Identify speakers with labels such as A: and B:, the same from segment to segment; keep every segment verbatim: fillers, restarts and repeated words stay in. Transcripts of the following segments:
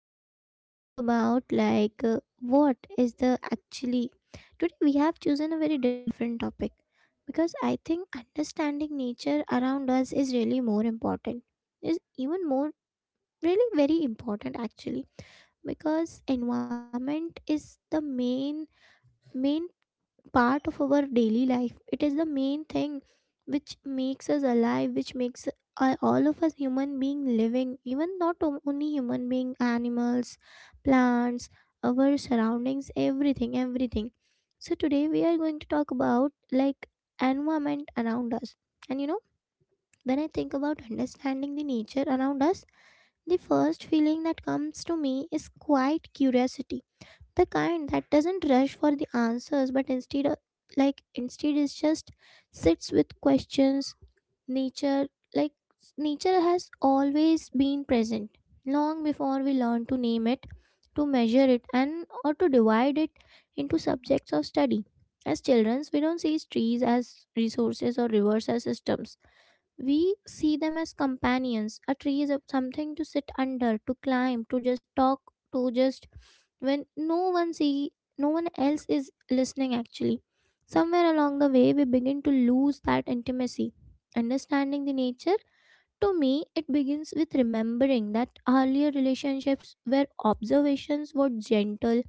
A: we are going to talk about like uh, what is the actually. Today we have chosen a very different topic because I think understanding nature around us is really more important. Is even more really very important actually because environment is the main main part of our daily life. It is the main thing which makes us alive, which makes uh, all of us human being living, even not o- only human being, animals, plants, our surroundings, everything, everything. So today we are going to talk about like environment around us. And you know, when I think about understanding the nature around us, the first feeling that comes to me is quite curiosity, the kind that doesn't rush for the answers but instead uh, like instead is just sits with questions nature like nature has always been present long before we learn to name it, to measure it, and or to divide it into subjects of study. As children we don't see trees as resources or rivers as systems, we see them as companions. A tree is a- something to sit under, to climb, to just talk, to just when no one see no one else is listening actually. Somewhere along the way we begin to lose that intimacy. Understanding the nature, to me, it begins with remembering that earlier relationships where observations were gentle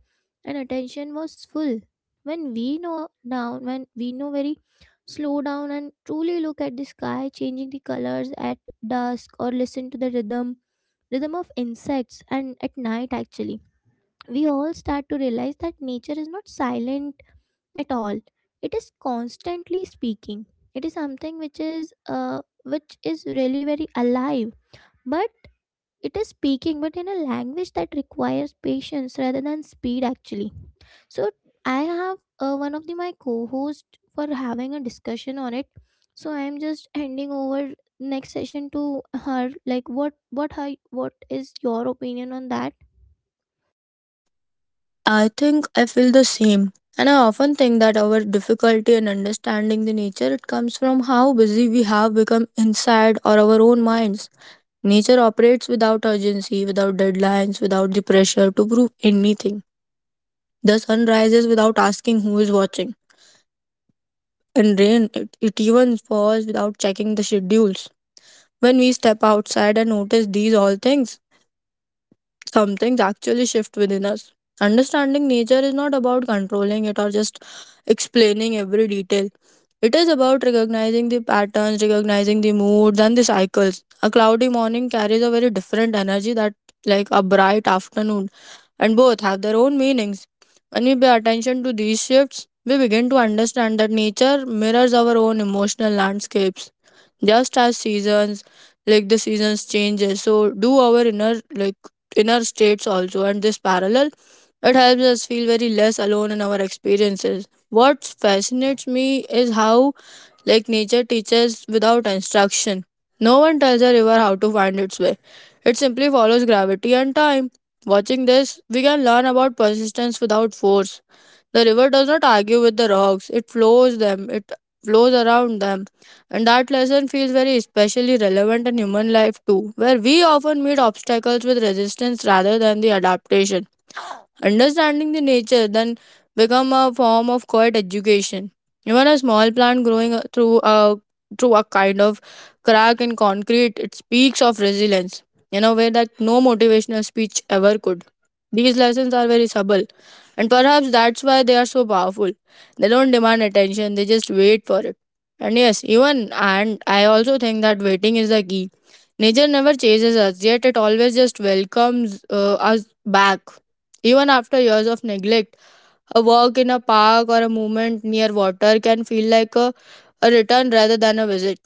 A: and attention was full. When we know down, when we know very slow down and truly look at the sky, changing the colors at dusk, or listen to the rhythm, rhythm of insects and at night actually, we all start to realize that nature is not silent at all. It is constantly speaking. It is something which is uh, which is really very alive, but it is speaking but in a language that requires patience rather than speed actually. So I have uh, one of the my co-host for having a discussion on it, so I am just handing over next session to her, like what what her what is your opinion on that.
B: I think I feel the same. And I often think that our difficulty in understanding the nature it comes from how busy we have become inside or our own minds. Nature operates without urgency, without deadlines, without the pressure to prove anything. The sun rises without asking who is watching. And rain it, it even falls without checking the schedules. When we step outside and notice these all things, some things actually shift within us. Understanding nature is not about controlling it or just explaining every detail. It is about recognizing the patterns, recognizing the moods and the cycles. A cloudy morning carries a very different energy that like a bright afternoon, and both have their own meanings. When we pay attention to these shifts, we begin to understand that nature mirrors our own emotional landscapes just as seasons like the seasons changes, so do our inner like inner states also. And this parallel it helps us feel very less alone in our experiences. What fascinates me is how like nature teaches without instruction. No one tells a river how to find its way; it simply follows gravity and time. Watching this, we can learn about persistence without force. The river does not argue with the rocks, it flows them, it flows around them. And that lesson feels very especially relevant in human life too, where we often meet obstacles with resistance rather than the adaptation. Understanding the nature then become a form of quiet education. Even a small plant growing uh, through a through a kind of crack in concrete, it speaks of resilience in a way that no motivational speech ever could. These lessons are very subtle, and perhaps that's why they are so powerful. They don't demand attention; they just wait for it. And yes, even and I also think that waiting is the key. Nature never chases us, yet it always just welcomes uh, us back even after years of neglect. A walk in a park or a movement near water can feel like a, a return rather than a visit.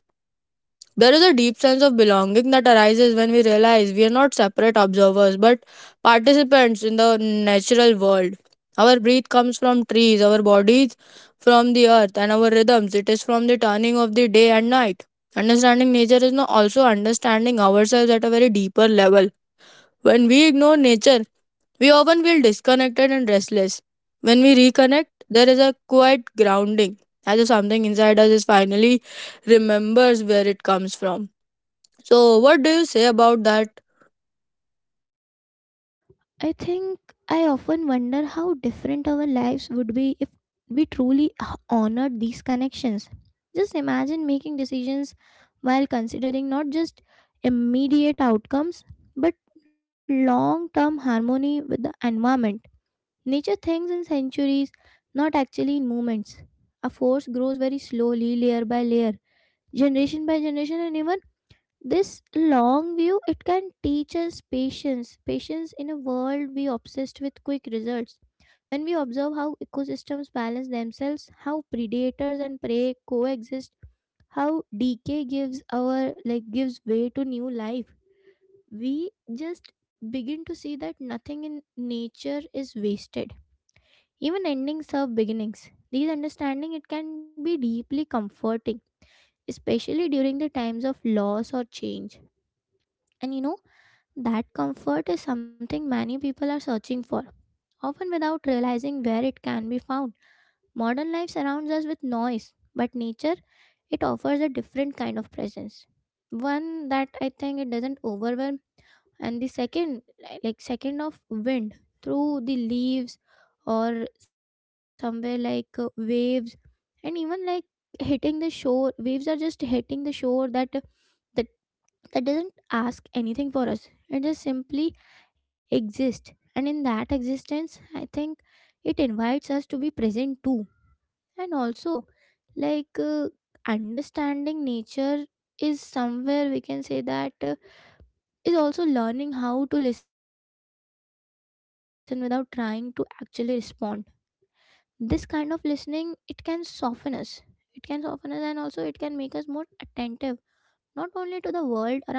B: There is a deep sense of belonging that arises when we realize we are not separate observers but participants in the natural world. Our breath comes from trees, our bodies from the earth, and our rhythms. It is from the turning of the day and night. Understanding nature is no- also understanding ourselves at a very deeper level. When we ignore nature, we often feel disconnected and restless. When we reconnect, there is a quiet grounding, as if something inside us is finally remembers where it comes from. So, what do you say about that?
A: I think I often wonder how different our lives would be if we truly h- honored these connections. Just imagine making decisions while considering not just immediate outcomes but long term harmony with the environment. Nature thinks in centuries, not actually in moments. A force grows very slowly, layer by layer, generation by generation, and even this long view it can teach us patience patience in a world we obsessed with quick results. When we observe how ecosystems balance themselves, how predators and prey coexist, how decay gives our like gives way to new life, we just begin to see that nothing in nature is wasted, even endings serve beginnings. These understanding it can be deeply comforting, especially during the times of loss or change. And you know That comfort is something many people are searching for, often without realizing where it can be found. Modern life surrounds us with noise, but nature, it offers a different kind of presence. One that I think it doesn't overwhelm, and the second, li- like second of wind through the leaves, or somewhere like uh, waves, and even like hitting the shore. Waves are just hitting the shore that that, that doesn't ask anything for us. It just simply exist, and in that existence I think it invites us to be present too. And also like uh, understanding nature is somewhere we can say that uh, is also learning how to listen without trying to actually respond. This kind of listening it can soften us, it can soften us, and also it can make us more attentive not only to the world around us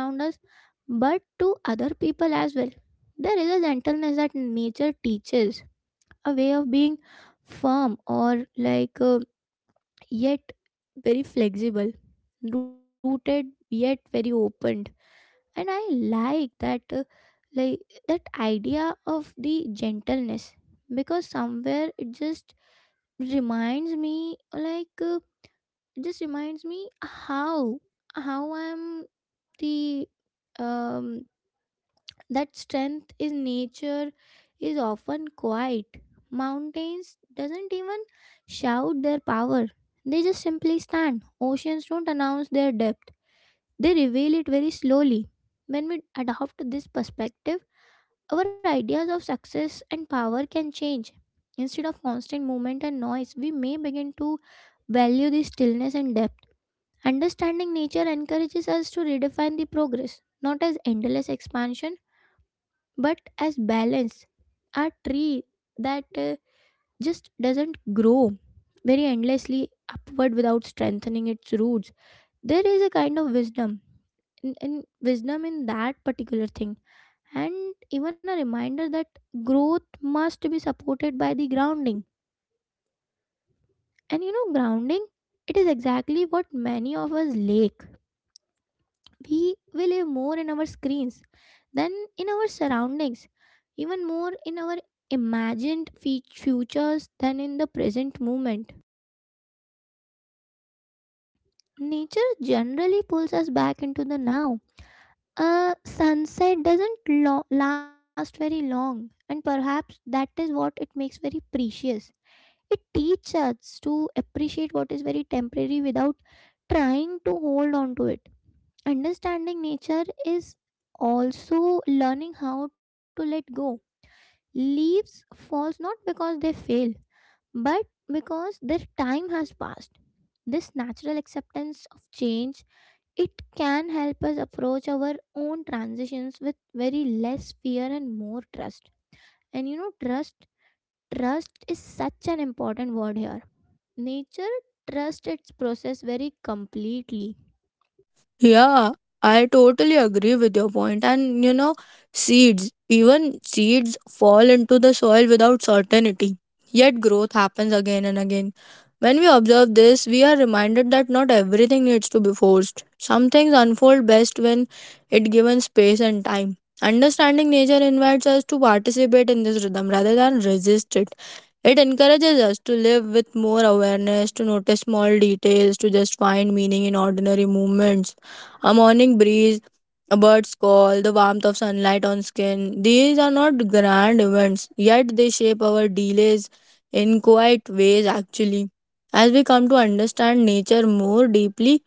A: but to other people as well. There is a gentleness that nature teaches, a way of being firm or like uh, yet very flexible, rooted yet very opened, and I like that uh, like that idea of the gentleness, because somewhere it just reminds me like uh, it just reminds me how how I'm the um that strength in nature is often quiet. Mountains doesn't even shout their power, they just simply stand. Oceans don't announce their depth, they reveal it very slowly. When we adopt this perspective, our ideas of success and power can change. Instead of constant movement and noise, we may begin to value the stillness and depth. Understanding nature encourages us to redefine the progress, not as endless expansion but as balance. A tree that uh, just doesn't grow very endlessly upward without strengthening its roots. There is a kind of wisdom in, in wisdom in that particular thing, and even a reminder that growth must be supported by the grounding. And you know, grounding, it is exactly what many of us lack. We we live more in our screens than in our surroundings, even more in our imagined fe- futures than in the present moment. Nature generally pulls us back into the now. A sunset doesn't lo- last very long, and perhaps that is what it makes very precious. It teaches us to appreciate what is very temporary without trying to hold on to it. Understanding nature is also learning how to let go. Leaves falls not because they fail, but because their time has passed. This natural acceptance of change, it can help us approach our own transitions with very less fear and more trust. And you know, trust, trust is such an important word here. Nature trusts its process very completely.
B: Yeah, I totally agree with your point. And you know, seeds, even seeds fall into the soil without certainty, yet growth happens again and again. When we observe this, we are reminded that not everything needs to be forced. Some things unfold best when it given space and time. Understanding nature invites us to participate in this rhythm rather than resist it. It encourages us to live with more awareness, to notice small details, to just find meaning in ordinary movements. A morning breeze, a bird's call, the warmth of sunlight on skin. These are not grand events, yet they shape our delays in quiet ways actually. As we come to understand nature more deeply,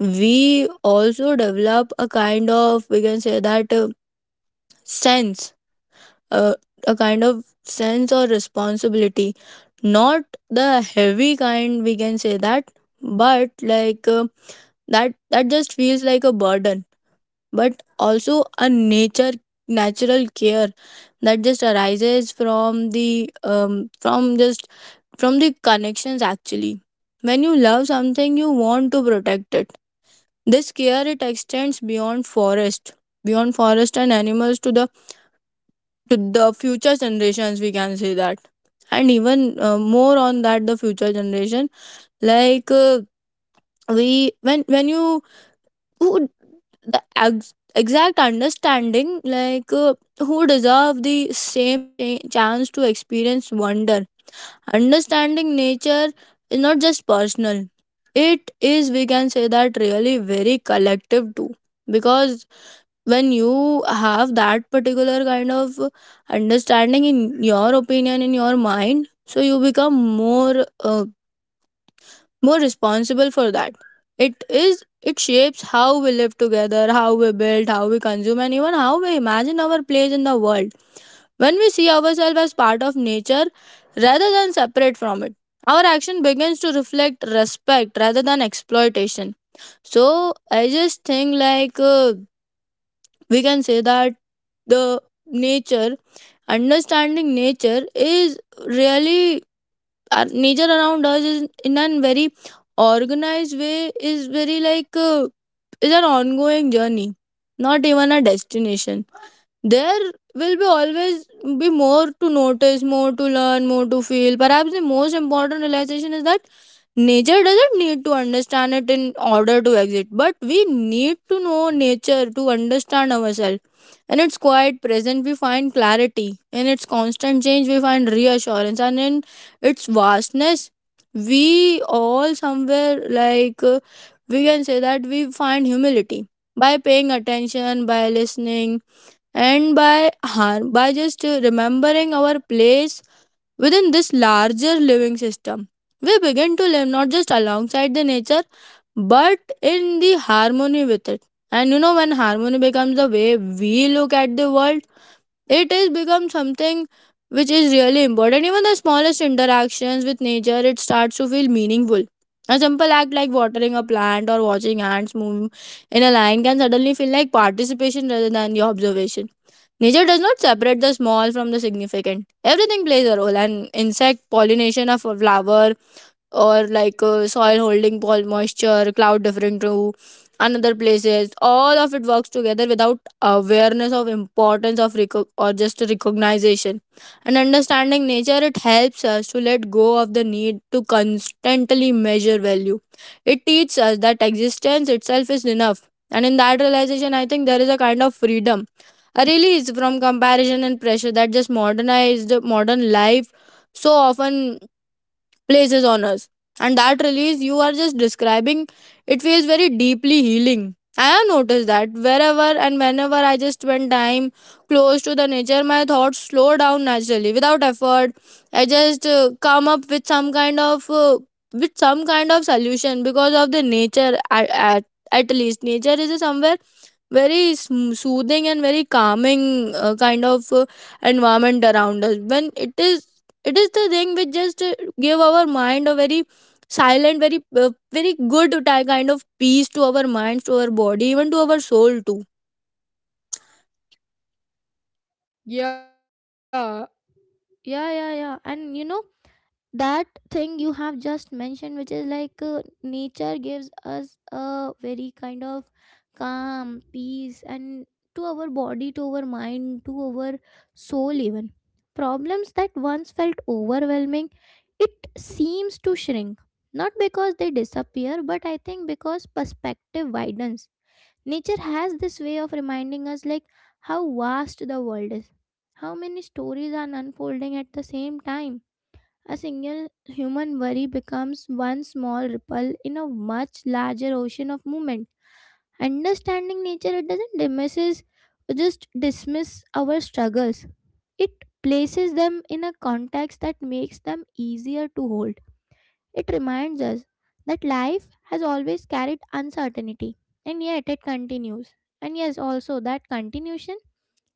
B: we also develop a kind of, we can say that, uh, sense, a, a kind of sense or responsibility, not the heavy kind we can say that, but like uh, that that just feels like a burden, but also a nature natural care that just arises from the um from just from the connections actually. When you love something, you want to protect it. This care it extends beyond forest, beyond forest and animals to the to the future generations we can say that. And even uh, more on that, the future generation like uh, we when when you who the ex- exact understanding like uh, who deserve the same cha- chance to experience wonder. Understanding nature is not just personal, it is we can say that really very collective too, because when you have that particular kind of understanding in your opinion in your mind, so you become more uh, more responsible for that. It is it shapes how we live together, how we build, how we consume, and even how we imagine our place in the world. When we see ourselves as part of nature rather than separate from it, our action begins to reflect respect rather than exploitation. So, I just think like uh, we can say that the nature, understanding nature is really, our nature around us is in a very organized way, is very like uh, is an ongoing journey, not even a destination. There will be always be more to notice, more to learn, more to feel. Perhaps the most important realization is that nature doesn't need to understand it in order to exist, but we need to know nature to understand ourselves. In its quiet presence we find clarity, in its constant change we find reassurance, and in its vastness we all somewhere like uh, we can say that we find humility. By paying attention, by listening, and by har- by just uh, remembering our place within this larger living system, we begin to live not just alongside the nature but in the harmony with it. And you know, when harmony becomes the way we look at the world, it is become something which is really important. Even the smallest interactions with nature, it starts to feel meaningful. A simple act like watering a plant or watching ants move in a line can suddenly feel like participation rather than the observation. Nature does not separate the small from the significant. Everything plays a role, and insect pollination of a flower or like uh, soil holding pore moisture, cloud different to another places. All of it works together without awareness of importance of reco- or just recognition and understanding nature. It helps us to let go of the need to constantly measure value. It teaches us that existence itself is enough, and in that realization, I think there is a kind of freedom. A release from comparison and pressure that just modernized modern life so often places on us. And that release you are just describing, it feels very deeply healing. I have noticed that wherever and whenever I just spend time close to the nature, my thoughts slow down naturally without effort. I just uh, come up with some kind of uh, with some kind of solution because of the nature. At, at, at least nature is somewhere very sm- soothing and very calming uh, kind of uh, environment around us. When it is, it is the thing which just uh, give our mind a very silent, very uh, very good ti- kind of peace to our minds, to our body, even to our soul too.
A: Yeah. Yeah, yeah, yeah. And you know, that thing you have just mentioned, which is like uh, nature gives us a very kind of calm peace and to our body, to our mind, to our soul even. Problems that once felt overwhelming, it seems to shrink, not because they disappear but I think because perspective widens. Nature has this way of reminding us like how vast the world is, how many stories are unfolding at the same time. A single human worry becomes one small ripple in a much larger ocean of movement. Understanding nature, it doesn't dismisses, just dismiss our struggles. It places them in a context that makes them easier to hold. It reminds us that life has always carried uncertainty, and yet it continues. And yes, also that continuation,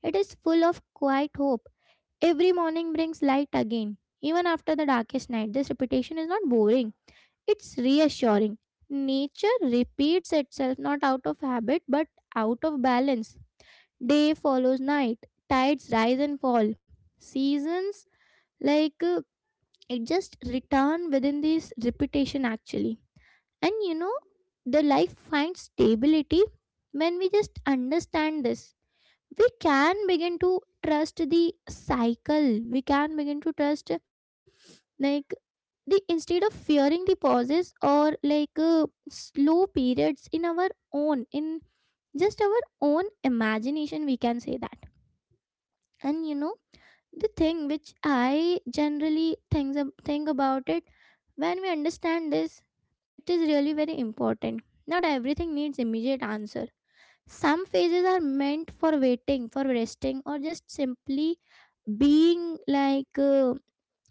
A: it is full of quiet hope. Every morning brings light again, even after the darkest night. This repetition is not boring, it's reassuring. Nature repeats itself not out of habit but out of balance. Day follows night, tides rise and fall. Seasons, like uh, it just return within this repetition actually. And you know, the life finds stability. When we just understand this, we can begin to trust the cycle, we can begin to trust like the instead of fearing the pauses or like uh, slow periods in our own in just our own imagination, we can say that. And you know, the thing which I generally think, think about it, when we understand this, it is really very important. Not everything needs immediate answer. Some phases are meant for waiting, for resting, or just simply being like uh,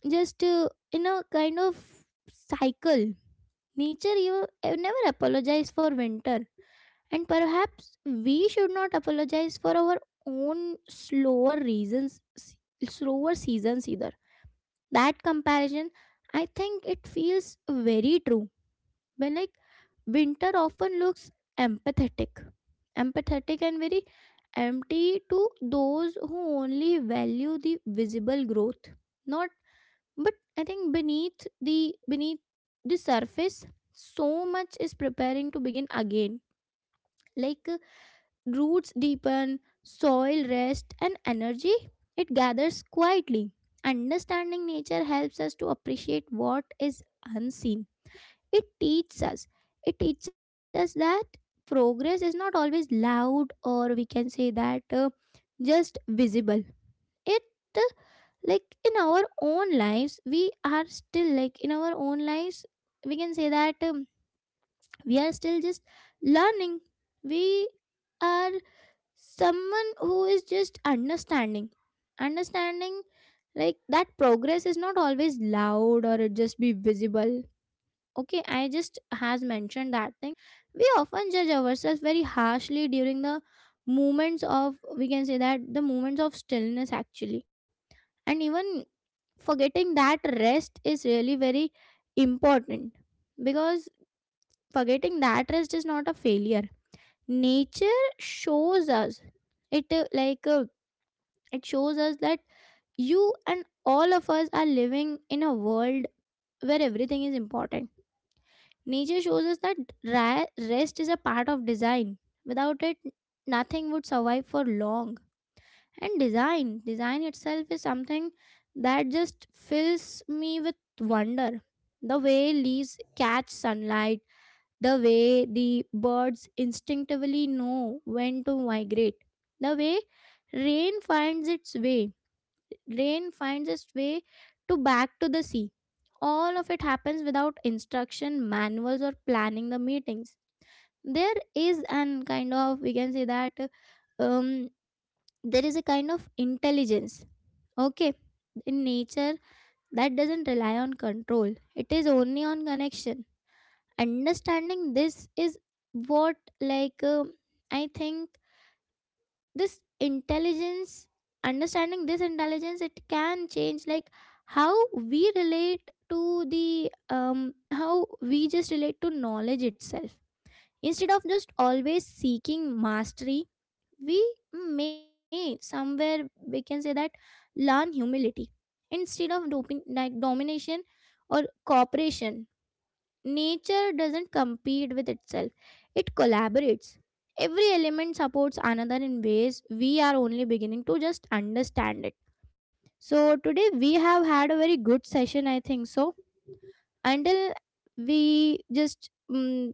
A: just uh, in a kind of cycle. Nature you uh, never apologize for winter, and perhaps we should not apologize for our own slower reasons, slower seasons either. That comparison, I think it feels very true. When like winter often looks empathetic, empathetic and very empty to those who only value the visible growth, not, but I think beneath the beneath the surface so much is preparing to begin again, like uh, roots deepen, soil rest, and energy it gathers quietly. Understanding nature helps us to appreciate what is unseen. It teaches us. It teaches us that progress is not always loud, or we can say that uh, just visible. It uh, like in our own lives we are still, like in our own lives we can say that um, we are still just learning. We are someone who is just understanding understanding like that progress is not always loud or it just be visible. Okay, I just has mentioned that thing. We often judge ourselves very harshly during the moments of, we can say that, the moments of stillness actually, and even forgetting that rest is really very important, because forgetting that rest is not a failure. Nature shows us, it uh, like uh, it shows us that you and all of us are living in a world where everything is important. Nature shows us that ra- rest is a part of design. Without it, nothing would survive for long. And design, design itself is something that just fills me with wonder. The way leaves catch sunlight, the way the birds instinctively know when to migrate, the way rain finds its way rain finds its way to back to the sea. All of it happens without instruction, manuals, or planning the meetings. There is an kind of, we can say that, um, there is a kind of intelligence, okay, in nature, that doesn't rely on control, it is only on connection. Understanding this is what, like, um I think this intelligence, understanding this intelligence it can change like how we relate to the, um how we just relate to knowledge itself. Instead of just always seeking mastery, we may somewhere, we can say that, learn humility instead of doping like domination or cooperation. Nature doesn't compete with itself, it collaborates. Every element supports another in ways we are only beginning to just understand it. So today we have had a very good session, I think. So until we just mm,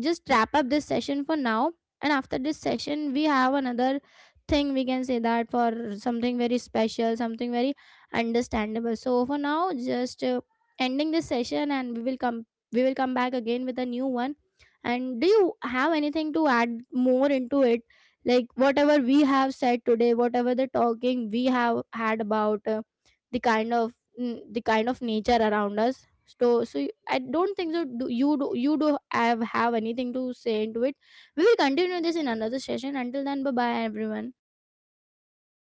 A: just wrap up this session for now, and after this session we have another thing, we can say that, for something very special, something very understandable. So for now just uh, ending this session, and we will come we will come back again with a new one. And do you have anything to add more into it, like whatever we have said today, whatever the talking we have had about uh, the kind of mm, the kind of nature around us. So so you- I don't think so. Do you do you do have have anything to say into it. We will continue this in another session. Until then, bye bye everyone.